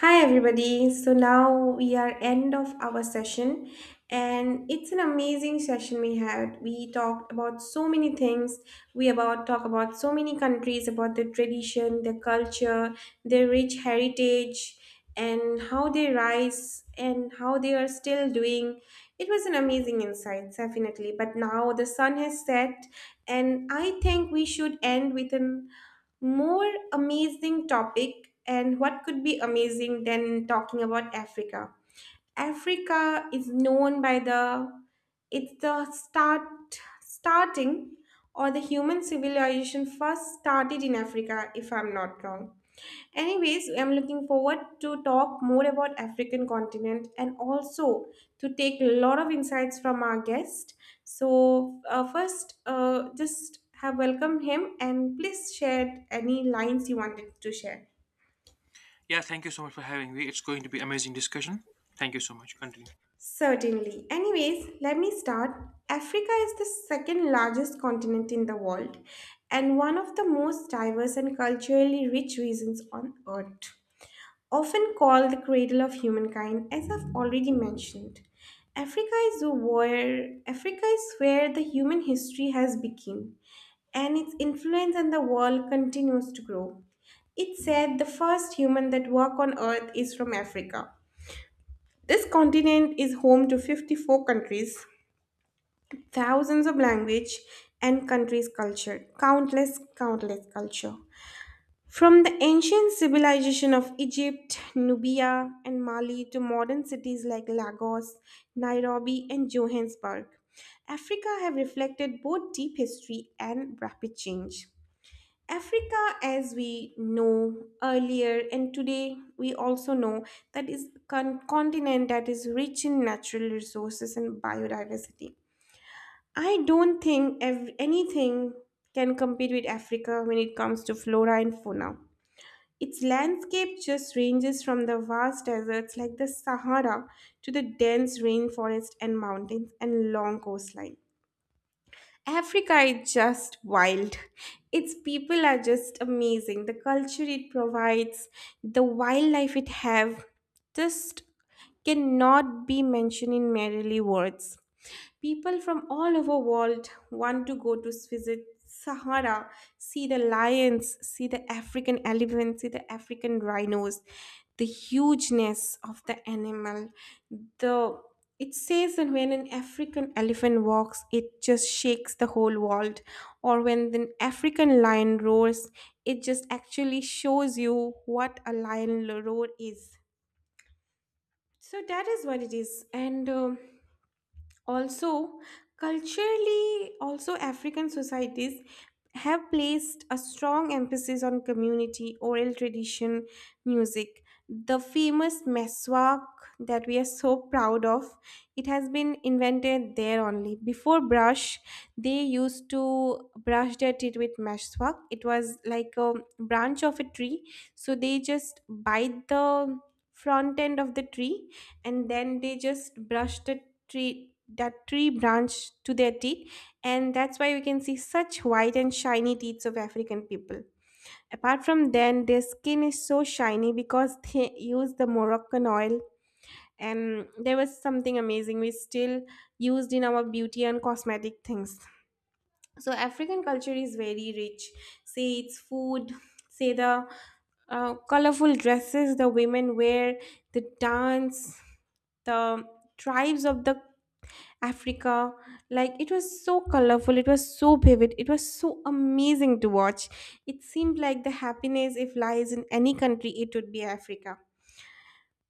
Hi everybody. So now we are end of our session and it's an amazing session we had. We talked about so many things. We about talk about so many countries about their tradition, their culture, their rich heritage and how they rise and how they are still doing. It was an amazing insight, definitely. But now the sun has set and I think we should end with an more amazing topic, and what could be amazing than talking about Africa? Africa is known by the It's the start starting or the human civilization first started in Africa, if I'm not wrong. Anyways, I'm looking forward to talk more about African continent and also to take a lot of insights from our guest. So first, just have welcomed him and please share any lines you wanted to share. Yeah, thank you so much for having me. It's going to be amazing discussion. Thank you so much. Continue. Certainly. Anyways, let me start. Africa is the second largest continent in the world and one of the most diverse and culturally rich regions on earth. Often called the cradle of humankind, as I've already mentioned, Africa is where the human history has begun, and its influence on the world continues to grow. It's said the first human that walked on Earth is from Africa. This continent is home to 54 countries, thousands of language and countries culture, countless culture. From the ancient civilization of Egypt, Nubia, and Mali to modern cities like Lagos, Nairobi, and Johannesburg, Africa have reflected both deep history and rapid change. Africa, as we know earlier and today, we also know that is a continent that is rich in natural resources and biodiversity. I don't think anything can compete with Africa when it comes to flora and fauna. Its landscape just ranges from the vast deserts like the Sahara to the dense rainforest and mountains and long coastline. Africa is just wild. Its people are just amazing. The culture it provides, the wildlife it have, just cannot be mentioned in merely words. People from all over world want to go to visit Sahara, see the lions, see the African elephants, see the African rhinos, the hugeness of the animal. The It says that when an African elephant walks, it just shakes the whole world. Or when an African lion roars, it just actually shows you what a lion roar is. So that is what it is. And also, culturally, also African societies have placed a strong emphasis on community, oral tradition, music. The famous meswak that we are so proud of, it has been invented there only. Before brush, they used to brush their teeth with meswak. It was like a branch of a tree, so they just bite the front end of the tree and then they just brush the tree that tree branch to their teeth, and that's why we can see such white and shiny teeth of African people. Apart from then, their skin is so shiny because they use the Moroccan oil and there was something amazing we still used in our beauty and cosmetic things. So African culture is very rich. Say its food, say the colorful dresses the women wear, the dance, the tribes of the Africa. Like it was so colorful, it was so vivid, it was so amazing to watch. It seemed like the happiness, if lies in any country, it would be Africa.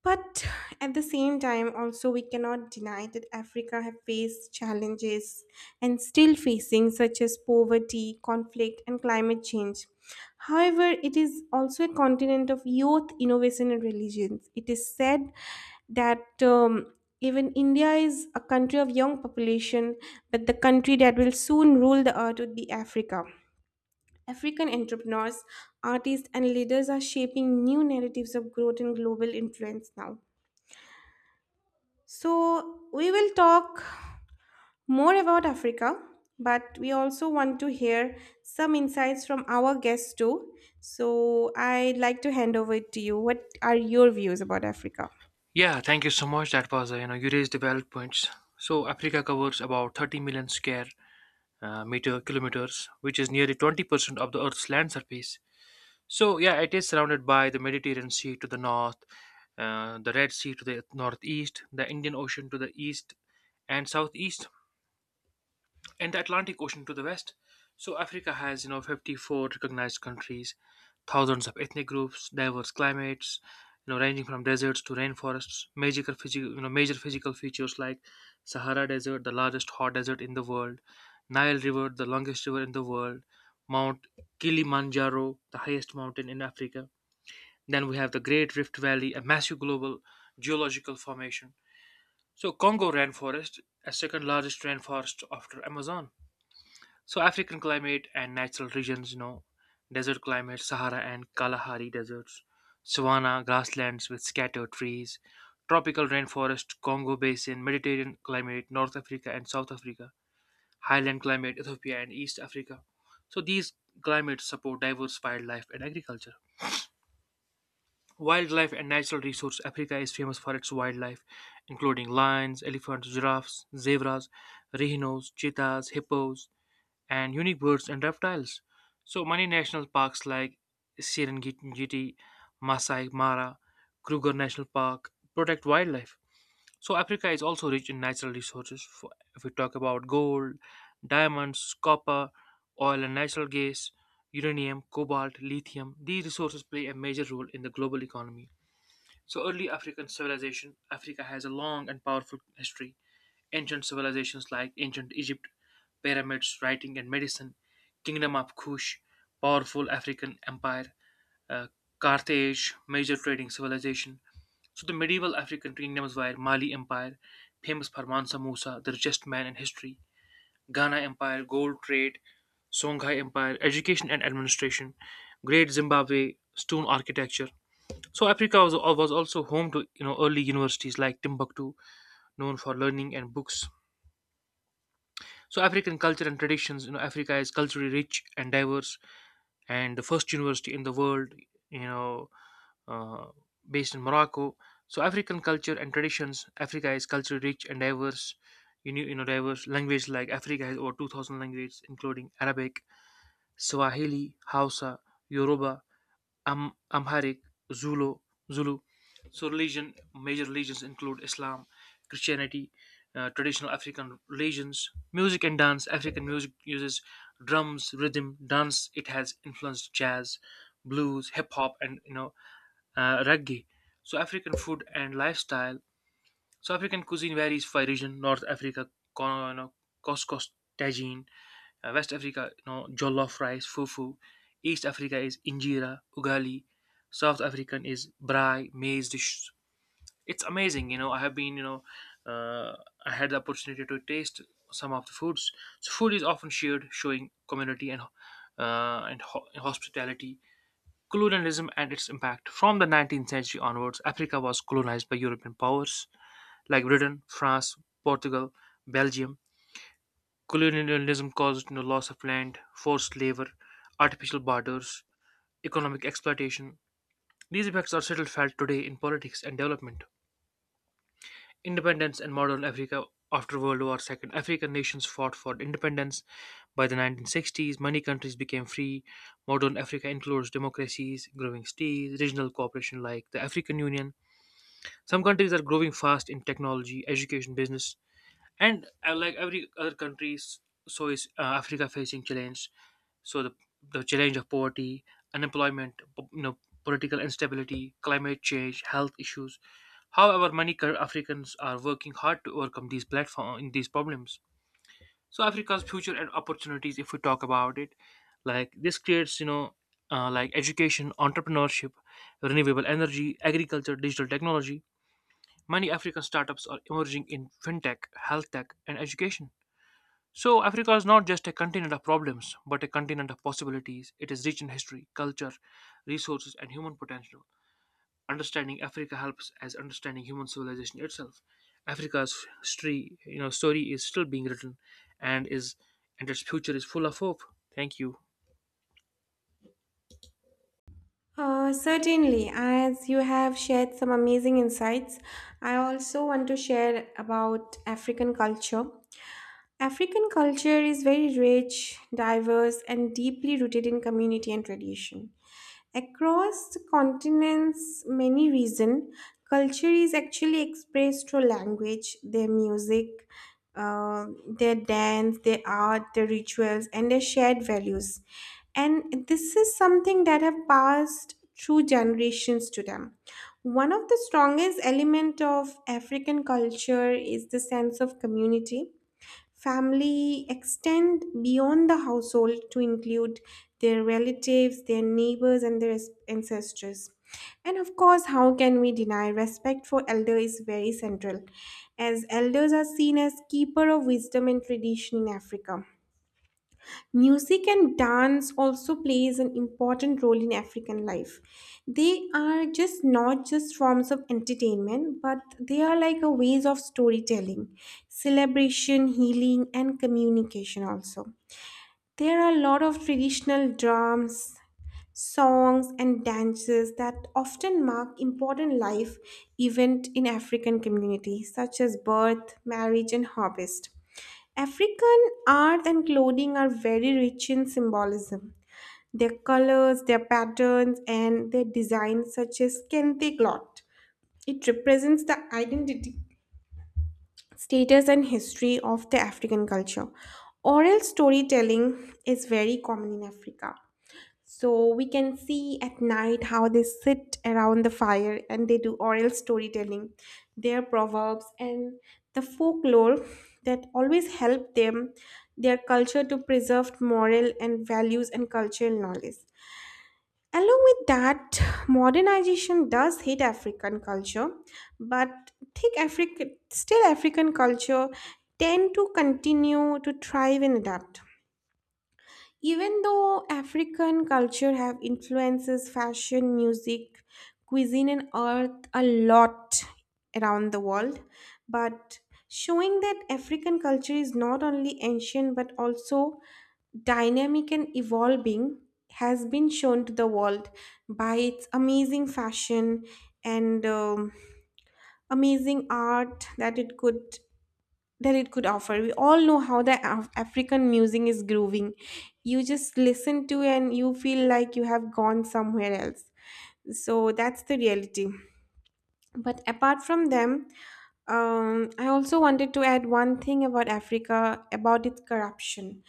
But at the same time, also, we cannot deny that Africa have faced challenges and still facing, such as poverty, conflict, and climate change. However, it is also a continent of youth, innovation, and religions. It is said that even India is a country of young population, but the country that will soon rule the earth would be Africa. African entrepreneurs, artists, and leaders are shaping new narratives of growth and global influence now. So, we will talk more about Africa, but we also want to hear some insights from our guests too. So, I'd like to hand over it to you. What are your views about Africa? Yeah, thank you so much. That was you know you raised the valid points. So Africa covers about 30 million square meter kilometers, which is nearly 20% of the Earth's land surface. So yeah, it is surrounded by the Mediterranean Sea to the north, the Red Sea to the northeast, the Indian Ocean to the east and southeast, and the Atlantic Ocean to the west. So Africa has, 54 recognized countries, thousands of ethnic groups, diverse climates, ranging from deserts to rainforests, major physical features like Sahara Desert, the largest hot desert in the world, Nile River, the longest river in the world, Mount Kilimanjaro, the highest mountain in Africa. Then we have the Great Rift Valley, a massive global geological formation. So Congo rainforest, a second largest rainforest after Amazon. So African climate and natural regions, desert climate, Sahara and Kalahari deserts, savanna, grasslands with scattered trees, tropical rainforest, Congo basin, Mediterranean climate, North Africa and South Africa, highland climate, Ethiopia and East Africa. So these climates support diverse wildlife and agriculture. Wildlife and natural resource Africa is famous for its wildlife, including lions, elephants, giraffes, zebras, rhinos, cheetahs, hippos, and unique birds and reptiles. So many national parks like Serengeti, Masai Mara, Kruger National Park protect wildlife. So Africa is also rich in natural resources. For, if we talk about gold, diamonds, copper, oil and natural gas, uranium, cobalt, lithium, these resources play a major role in the global economy. So early African civilization, Africa has a long and powerful history. Ancient civilizations like ancient Egypt, pyramids, writing, and medicine, Kingdom of Kush, powerful African empire, uh, Carthage, major trading civilization. So the medieval African kingdoms were Mali Empire, famous for Mansa Musa, the richest man in history, Ghana Empire, gold trade, Songhai Empire, education and administration, Great Zimbabwe, stone architecture. So Africa was also home to early universities like Timbuktu, known for learning and books. So African culture and traditions, Africa is culturally rich and diverse, and the first university in the world, you know, uh, based in Morocco. So African culture and traditions, Africa is culturally rich and diverse. Diverse language like Africa has over 2,000 languages, including Arabic, Swahili, Hausa, Yoruba, Amharic, Zulu, Zulu. So religion, major religions include Islam, Christianity, traditional African religions, music and dance. African music uses drums, rhythm, dance. It has influenced jazz, blues, hip hop, and reggae. So African food and lifestyle. So African cuisine varies by region. North Africa, co- you know, couscous, tagine. West Africa, jollof rice, fufu. East Africa is injera, ugali. South African is braai, maize dishes. It's amazing. I have been, you know, uh, I had the opportunity to taste some of the foods. So food is often shared, showing community and hospitality. Colonialism and its impact. From the 19th century onwards, Africa was colonized by European powers like Britain, France, Portugal, Belgium. Colonialism caused loss of land, forced labor, artificial borders, economic exploitation. These effects are still felt today in politics and development. Independence and modern Africa after World War II. African nations fought for independence. By the 1960s, many countries became free. Modern Africa includes democracies, growing cities, regional cooperation like the African Union. Some countries are growing fast in technology, education, business, and like every other countries, so is Africa facing challenge. So the challenge of poverty, unemployment, political instability, climate change, health issues. However, many Africans are working hard to overcome these problems. So Africa's future and opportunities, if we talk about it, like this creates like education, entrepreneurship, renewable energy, agriculture, digital technology. Many African startups are emerging in fintech, health tech, and education. So, Africa is not just a continent of problems, but a continent of possibilities. It is rich in history, culture, resources, and human potential. Understanding Africa helps as understanding human civilization itself. Africa's history, story is still being written, and is and its future is full of hope. Thank you. Certainly, as you have shared some amazing insights, I also want to share about African culture. African culture is very rich, diverse, and deeply rooted in community and tradition. Across the continent's many regions, culture is actually expressed through language, their music, their dance, their art, their rituals, and their shared values. And this is something that have passed through generations to them. One of the strongest element of African culture is the sense of community. Family extend beyond the household to include their relatives, their neighbors, and their ancestors. And of course, how can we deny respect for elder is very central, as elders are seen as keeper of wisdom and tradition in Africa. Music and dance also plays an important role in African life. They are just not just forms of entertainment, but they are like a ways of storytelling, celebration, healing, and communication also. There are a lot of traditional drums, songs, and dances that often mark important life event in African communities, such as birth, marriage, and harvest. African art and clothing are very rich in symbolism. Their colors, their patterns, and their designs, such as kente cloth, it represents the identity, status, and history of the African culture. Oral storytelling is very common in Africa. So we can see at night how they sit around the fire and they do oral storytelling, their proverbs and the folklore that always help them, their culture to preserve moral and values and cultural knowledge. Along with that, modernization does hit African culture, but think Africa still African culture tend to continue to thrive and adapt. Even though African culture have influences fashion, music, cuisine and art a lot around the world, but showing that African culture is not only ancient but also dynamic and evolving has been shown to the world by its amazing fashion and amazing art that it could offer. We all know how the African music is grooving. You just listen to and you feel like you have gone somewhere else. So that's the reality. But apart from them, I also wanted to add one thing about Africa about its corruption.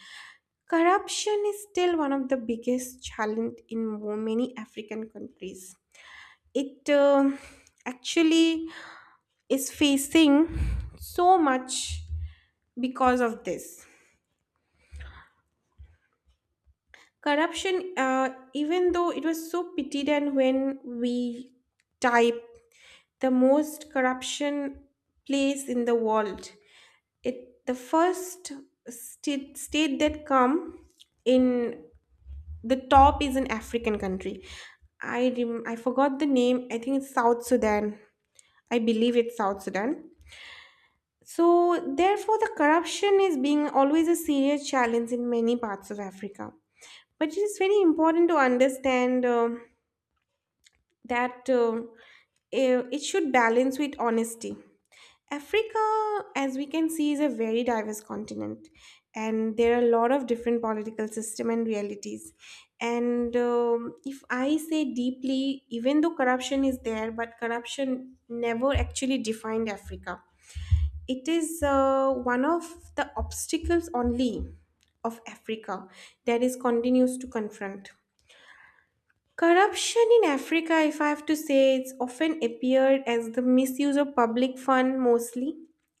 Corruption is still one of the biggest challenge in many African countries it actually is facing so much because of this corruption. Even though it was so pitied and when we type the most corruption place in the world, it the first state that come in the top is an African country. I forgot the name. I think it's South Sudan. I believe it's South Sudan. So, therefore, the corruption is being always a serious challenge in many parts of Africa. But it is very important to understand that it should balance with honesty. Africa, as we can see, is a very diverse continent, and there are a lot of different political system and realities. And if I say deeply, even though corruption is there, but corruption never actually defined Africa. It is one of the obstacles only of Africa that is continues to confront. Corruption in Africa, if I have to say, it's often appeared as the misuse of public fund mostly.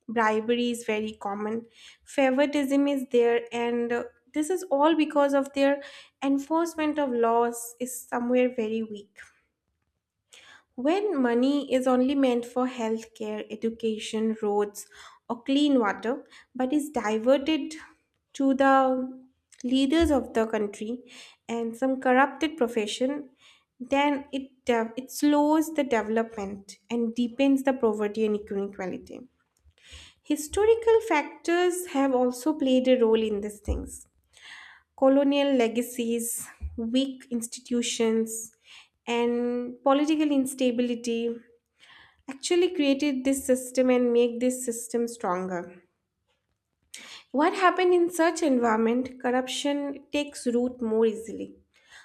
Bribery is very common. Favoritism is there, and this is all because of their enforcement of laws is somewhere very weak. When money is only meant for healthcare, education, roads, or clean water, but is diverted to the leaders of the country and some corrupted profession, then it slows the development and deepens the poverty and inequality. Historical factors have also played a role in these things. Colonial legacies, weak institutions, and political instability actually created this system and make this system stronger. What happened in such environment, corruption takes root more easily.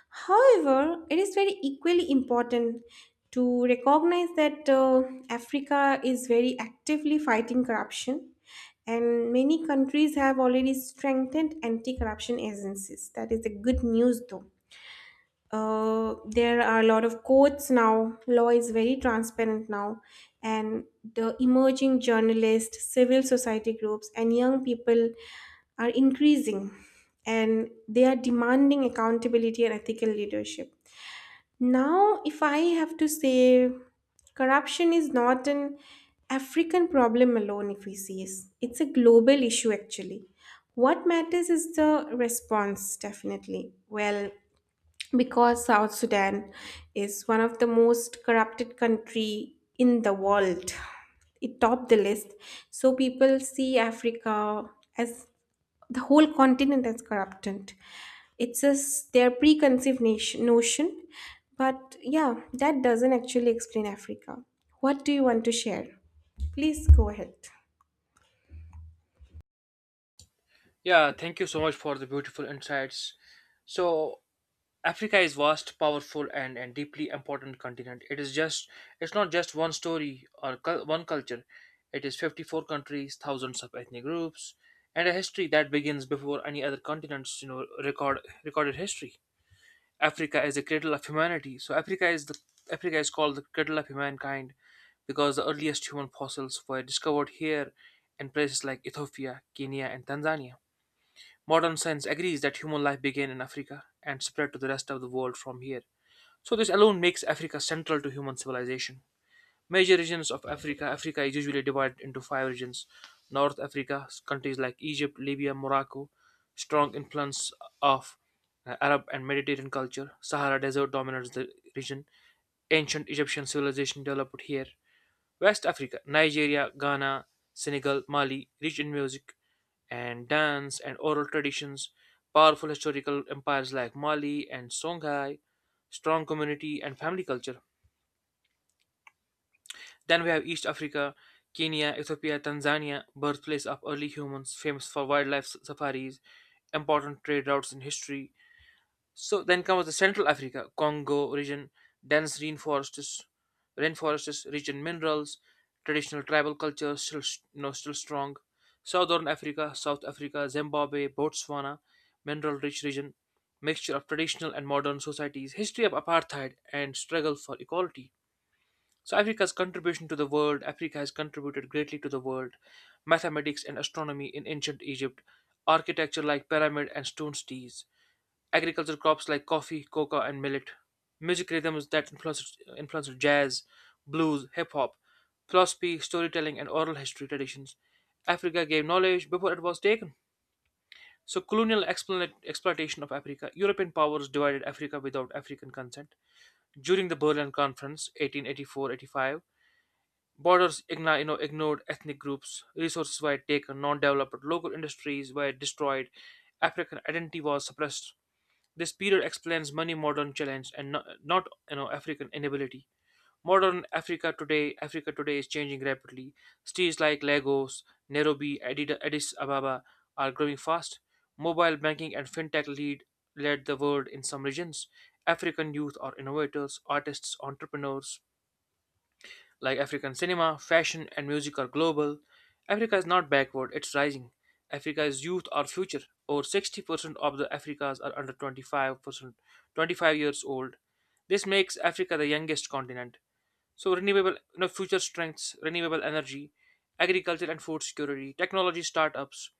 However, it is very equally important to recognize that Africa is very actively fighting corruption and many countries have already strengthened anti-corruption agencies. That is the good news. Though there are a lot of courts now. Law is very transparent now, and the emerging journalists, civil society groups, and young people are increasing, and they are demanding accountability and ethical leadership. Now, if I have to say, corruption is not an African problem alone. If we see it, it's a global issue actually. What matters is the response, definitely. Well, because South Sudan is one of the most corrupted country in the world. It topped the list. So people see Africa as the whole continent as corrupted. It's just their preconceived notion. But yeah, that doesn't actually explain Africa. What do you want to share? Please go ahead. Yeah, thank you so much for the beautiful insights. So, Africa is vast, powerful, and deeply important continent. It's not just one story or one culture. It is 54 countries, thousands of ethnic groups, and a history that begins before any other continent's recorded history. Africa is the cradle of humanity. So Africa is called the cradle of humankind because the earliest human fossils were discovered here in places like Ethiopia, Kenya, and Tanzania. Modern science agrees that human life began in Africa and spread to the rest of the world from here. So this alone makes Africa central to human civilization. Major regions of Africa, Africa is usually divided into five regions. North Africa, countries like Egypt, Libya, Morocco, strong influence of Arab and Mediterranean culture. Sahara Desert dominates the region. Ancient Egyptian civilization developed here. West Africa, Nigeria, Ghana, Senegal, Mali, rich in music and dance and oral traditions. Powerful historical empires like Mali and Songhai, strong community and family culture. Then we have East Africa, Kenya, Ethiopia, Tanzania, birthplace of early humans, famous for wildlife safaris, important trade routes in history. So then comes the Central Africa, Congo region, dense rainforests, rich in minerals, traditional tribal culture still s- you know, still strong. Southern Africa, South Africa, Zimbabwe, Botswana, mineral-rich region, mixture of traditional and modern societies, history of apartheid and struggle for equality. So Africa's contribution to the world, Africa has contributed greatly to the world. Mathematics and astronomy in ancient Egypt, architecture like pyramid and stone cities, agricultural crops like coffee, coca and millet, music rhythms that influenced jazz, blues, hip hop, philosophy, storytelling and oral history traditions. Africa gave knowledge before it was taken. So colonial exploitation of Africa, European powers divided Africa without African consent. During the Berlin Conference 1884-85. Borders ignored ethnic groups, resources were taken, non developed local industries were destroyed, African identity was suppressed. This period explains many modern challenges and not African inability. Modern Africa today is changing rapidly. Cities like Lagos, Nairobi, Addis Ababa are growing fast. Mobile banking and fintech lead led the world in some regions. African youth are innovators, artists, entrepreneurs, like African cinema, fashion, and music are global. Africa is not backward, it's rising. Africa's youth are future. Over 60% of the Africans are under 25%, 25 years old. This makes Africa the youngest continent. So future strengths, renewable energy, agriculture and food security, technology startups,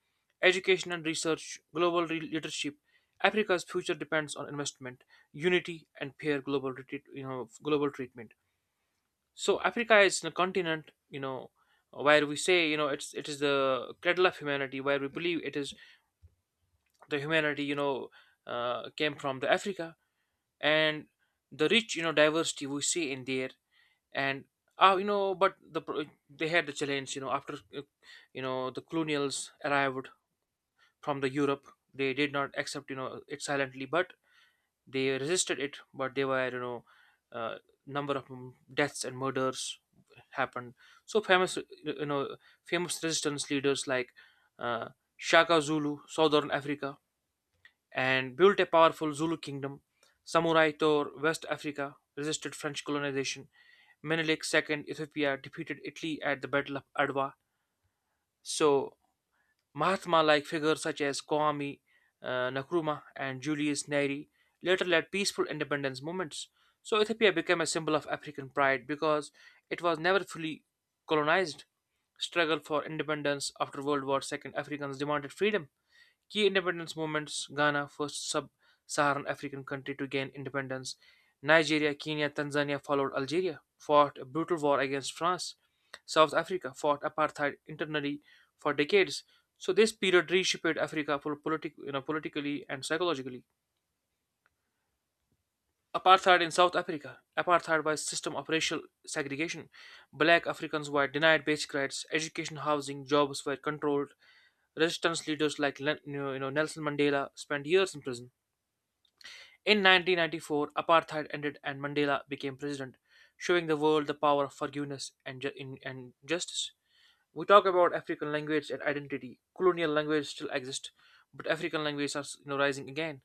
education and research, global leadership. Africa's future depends on investment, unity, and peer global, retreat, you know, global treatment. So Africa is a continent, where we say, it is the cradle of humanity, where we believe it is the humanity, came from the Africa and the rich, diversity we see in there and but the they had the challenge, after the colonials arrived from the Europe, they did not accept, it silently, but they resisted it, but they were, uh, number of deaths and murders happened. So you know, famous resistance leaders like uh, Shaka Zulu, Southern Africa, and built a powerful Zulu kingdom. Samurai Tor, West Africa, resisted French colonization. Menelik II, Ethiopia, defeated Italy at the Battle of Adwa. So Mahatma like figures such as Kwame Nkrumah and Julius Nyerere later led peaceful independence movements. So Ethiopia became a symbol of African pride because it was never fully colonized. Struggle for independence after World War II, Africans demanded freedom. Key independence movements Ghana, first sub Saharan African country to gain independence, Nigeria, Kenya, Tanzania followed Algeria, fought a brutal war against France, South Africa fought apartheid internally for decades. So this period reshaped Africa for politically and psychologically. Apartheid in South Africa. Apartheid was a system of racial segregation. Black Africans were denied basic rights, education, housing, jobs were controlled. Resistance leaders like Nelson Mandela spent years in prison. In 1994, apartheid ended and Mandela became president, showing the world the power of forgiveness and justice. We talk about African language and identity. Colonial languages still exist, but African languages are rising again.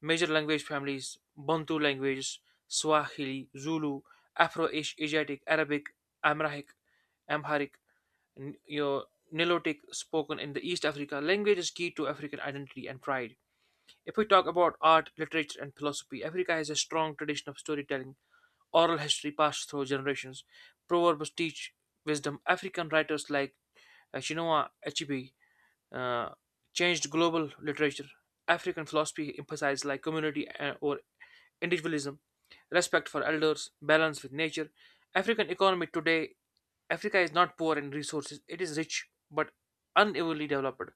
Major language families Bantu languages, Swahili, Zulu, Afro Asiatic, Arabic, Amharic, Amharic, N- you know, Nilotic spoken in the East Africa. Language is key to African identity and pride. If we talk about art, literature, and philosophy, Africa has a strong tradition of storytelling, oral history passed through generations, proverbs teach wisdom. African writers like Chinua Achebe uh, changed global literature. African philosophy emphasized like community or individualism, respect for elders, balance with nature. African economy today, Africa is not poor in resources; it is rich but unevenly developed.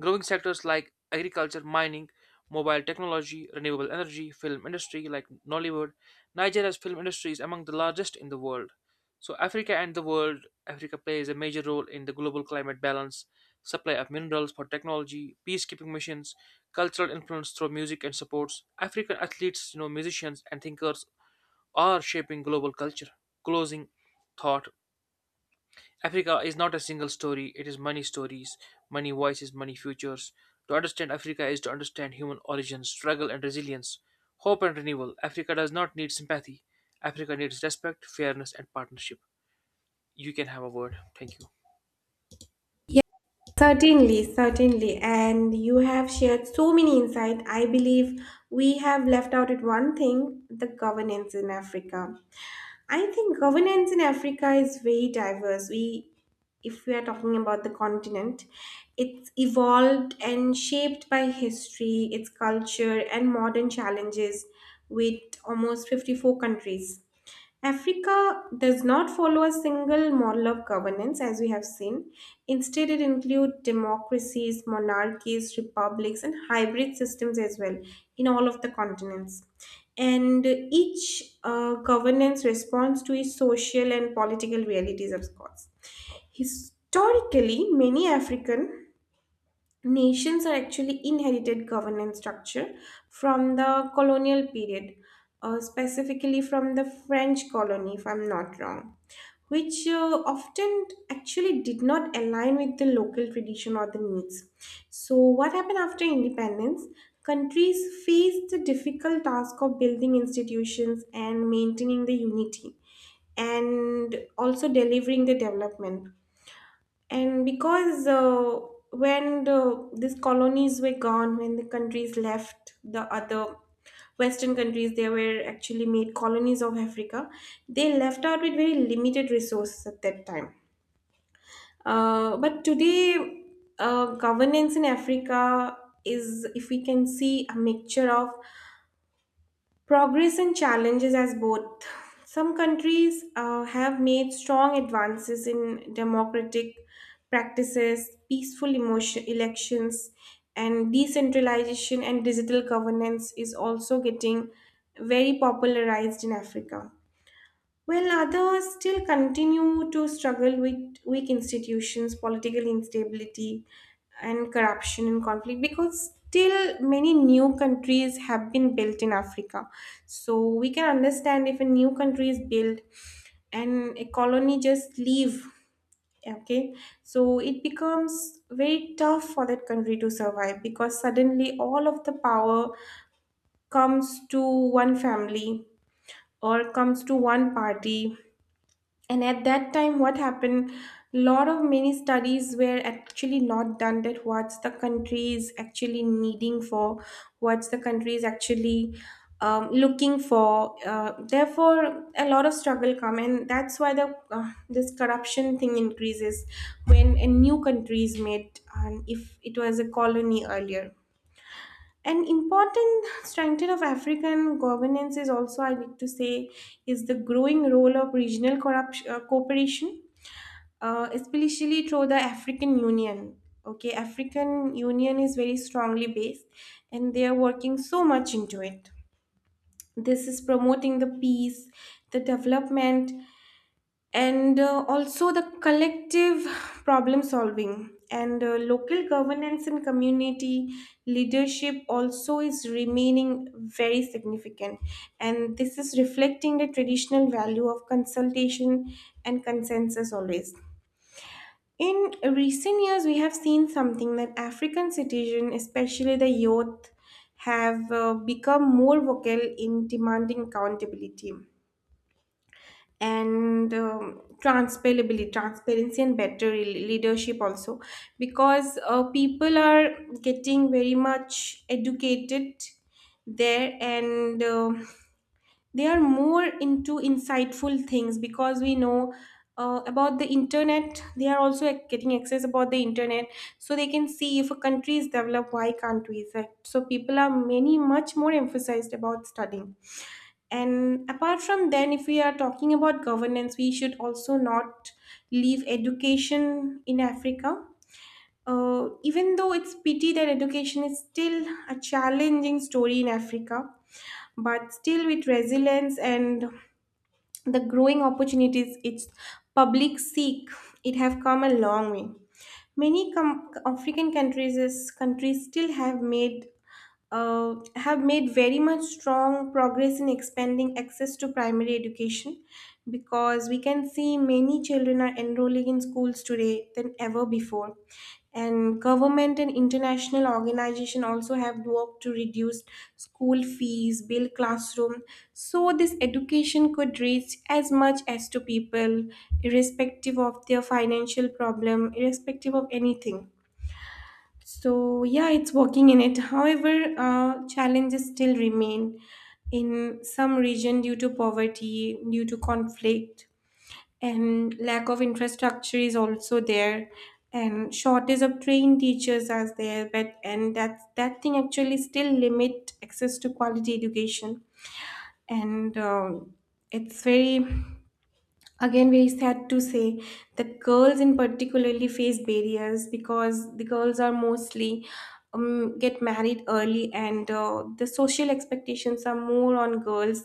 Growing sectors like agriculture, mining, mobile technology, renewable energy, film industry like Nollywood. Nigeria's film industry is among the largest in the world. So Africa and the world, Africa plays a major role in the global climate balance, supply of minerals for technology, peacekeeping missions, cultural influence through music and supports. African athletes, musicians and thinkers are shaping global culture. Closing thought. Africa is not a single story, it is many stories, many voices, many futures. To understand Africa is to understand human origins, struggle and resilience, hope and renewal. Africa does not need sympathy. Africa needs respect, fairness, and partnership. You can have a word. Thank you. Certainly. And you have shared so many insights. I believe we have left out at one thing the governance in Africa. I think governance in Africa is very diverse. We, if we are talking about the continent, it's evolved and shaped by history, its culture, and modern challenges with almost 54 countries. Africa does not follow a single model of governance, as we have seen. Instead, it includes democracies, monarchies, republics, and hybrid systems as well in all of the continents. And each governance responds to its social and political realities, of course. Historically, many African nations are actually inherited governance structure from the colonial period, specifically from the French colony, if I'm not wrong, which often actually did not align with the local tradition or the needs. So, what happened after independence? Countries faced the difficult task of building institutions and maintaining the unity and also delivering the development. And because when these colonies were gone, when the countries left the other western countries, they were actually made colonies of Africa. They left out with very limited resources at that time. But today, governance in Africa is, if we can see, a mixture of progress and challenges as both. Some countries have made strong advances in democratic practices, peaceful emotion, elections, and decentralization, and digital governance is also getting very popularized in Africa. While others still continue to struggle with weak institutions, political instability, and corruption and conflict, because still many new countries have been built in Africa. So we can understand, if a new country is built and a colony just leave, okay, so it becomes very tough for that country to survive, because suddenly all of the power comes to one family or comes to one party. And at that time, what happened? Lot of many studies were actually not done, that what's the country is actually needing for, what's the country is actually looking for. Therefore, a lot of struggle come, and that's why the this corruption thing increases when a new country is made and if it was a colony earlier. An important strength of African governance is also, I need to say, is the growing role of regional corruption, cooperation, especially through the African Union. Okay, African Union is very strongly based, and they are working so much into it. This is promoting the peace, the development, and also the collective problem solving. And local governance and community leadership also is remaining very significant, and this is reflecting the traditional value of consultation and consensus always. In recent years, we have seen something, that African citizens, especially the youth, have become more vocal in demanding accountability and transparency, and better leadership also, because people are getting very much educated there. And they are more into insightful things, because we know, about the internet, they are also getting access about the internet, so they can see if a country is developed, why can't we. So people are many much more emphasized about studying. And apart from then, if we are talking about governance, we should also not leave education in Africa. Even though it's pity that education is still a challenging story in Africa, but still with resilience and the growing opportunities its public seek, it have come a long way. Many African countries still have made very much strong progress in expanding access to primary education, because we can see many children are enrolling in schools today than ever before. And government and international organization also have worked to reduce school fees, build classroom, so this education could reach as much as to people, irrespective of their financial problem, irrespective of anything. So yeah, it's working in it. However, challenges still remain in some region, due to poverty, due to conflict, and lack of infrastructure is also there, and shortage of trained teachers are there, but and that thing actually still limit access to quality education. And it's very, again, very sad to say that girls in particularly face barriers, because the girls are mostly, get married early, and the social expectations are more on girls,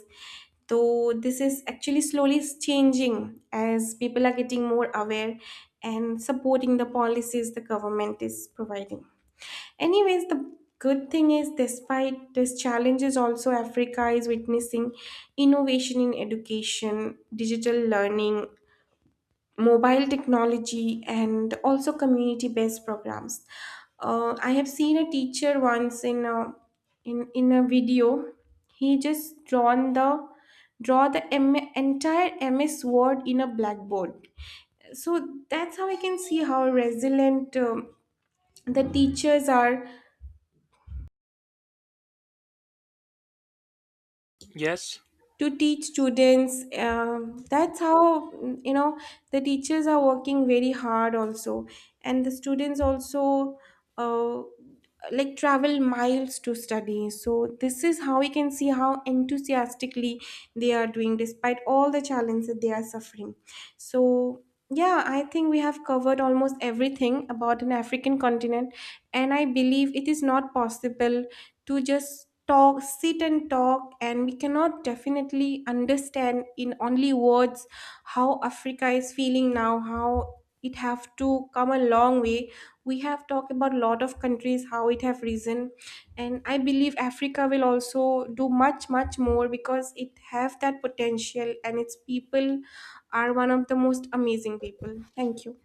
though this is actually slowly changing as people are getting more aware and supporting the policies the government is providing. Anyways, the good thing is, despite these challenges also, Africa is witnessing innovation in education, digital learning, mobile technology, and also community based programs. I have seen a teacher once in a video, he just draw the entire MS Word in a blackboard. So that's how I can see how resilient the teachers are, Yes? to teach students. That's how, the teachers are working very hard also, and the students also uh, like travel miles to study. So this is how we can see how enthusiastically they are doing, despite all the challenges that they are suffering. So yeah, I think we have covered almost everything about an African continent, and I believe it is not possible to just talk sit and talk, and we cannot definitely understand in only words how Africa is feeling now, how it have to come a long way. We have talked about lot of countries, how it have risen, and I believe Africa will also do much much more, because it have that potential, and its people are one of the most amazing people. Thank you.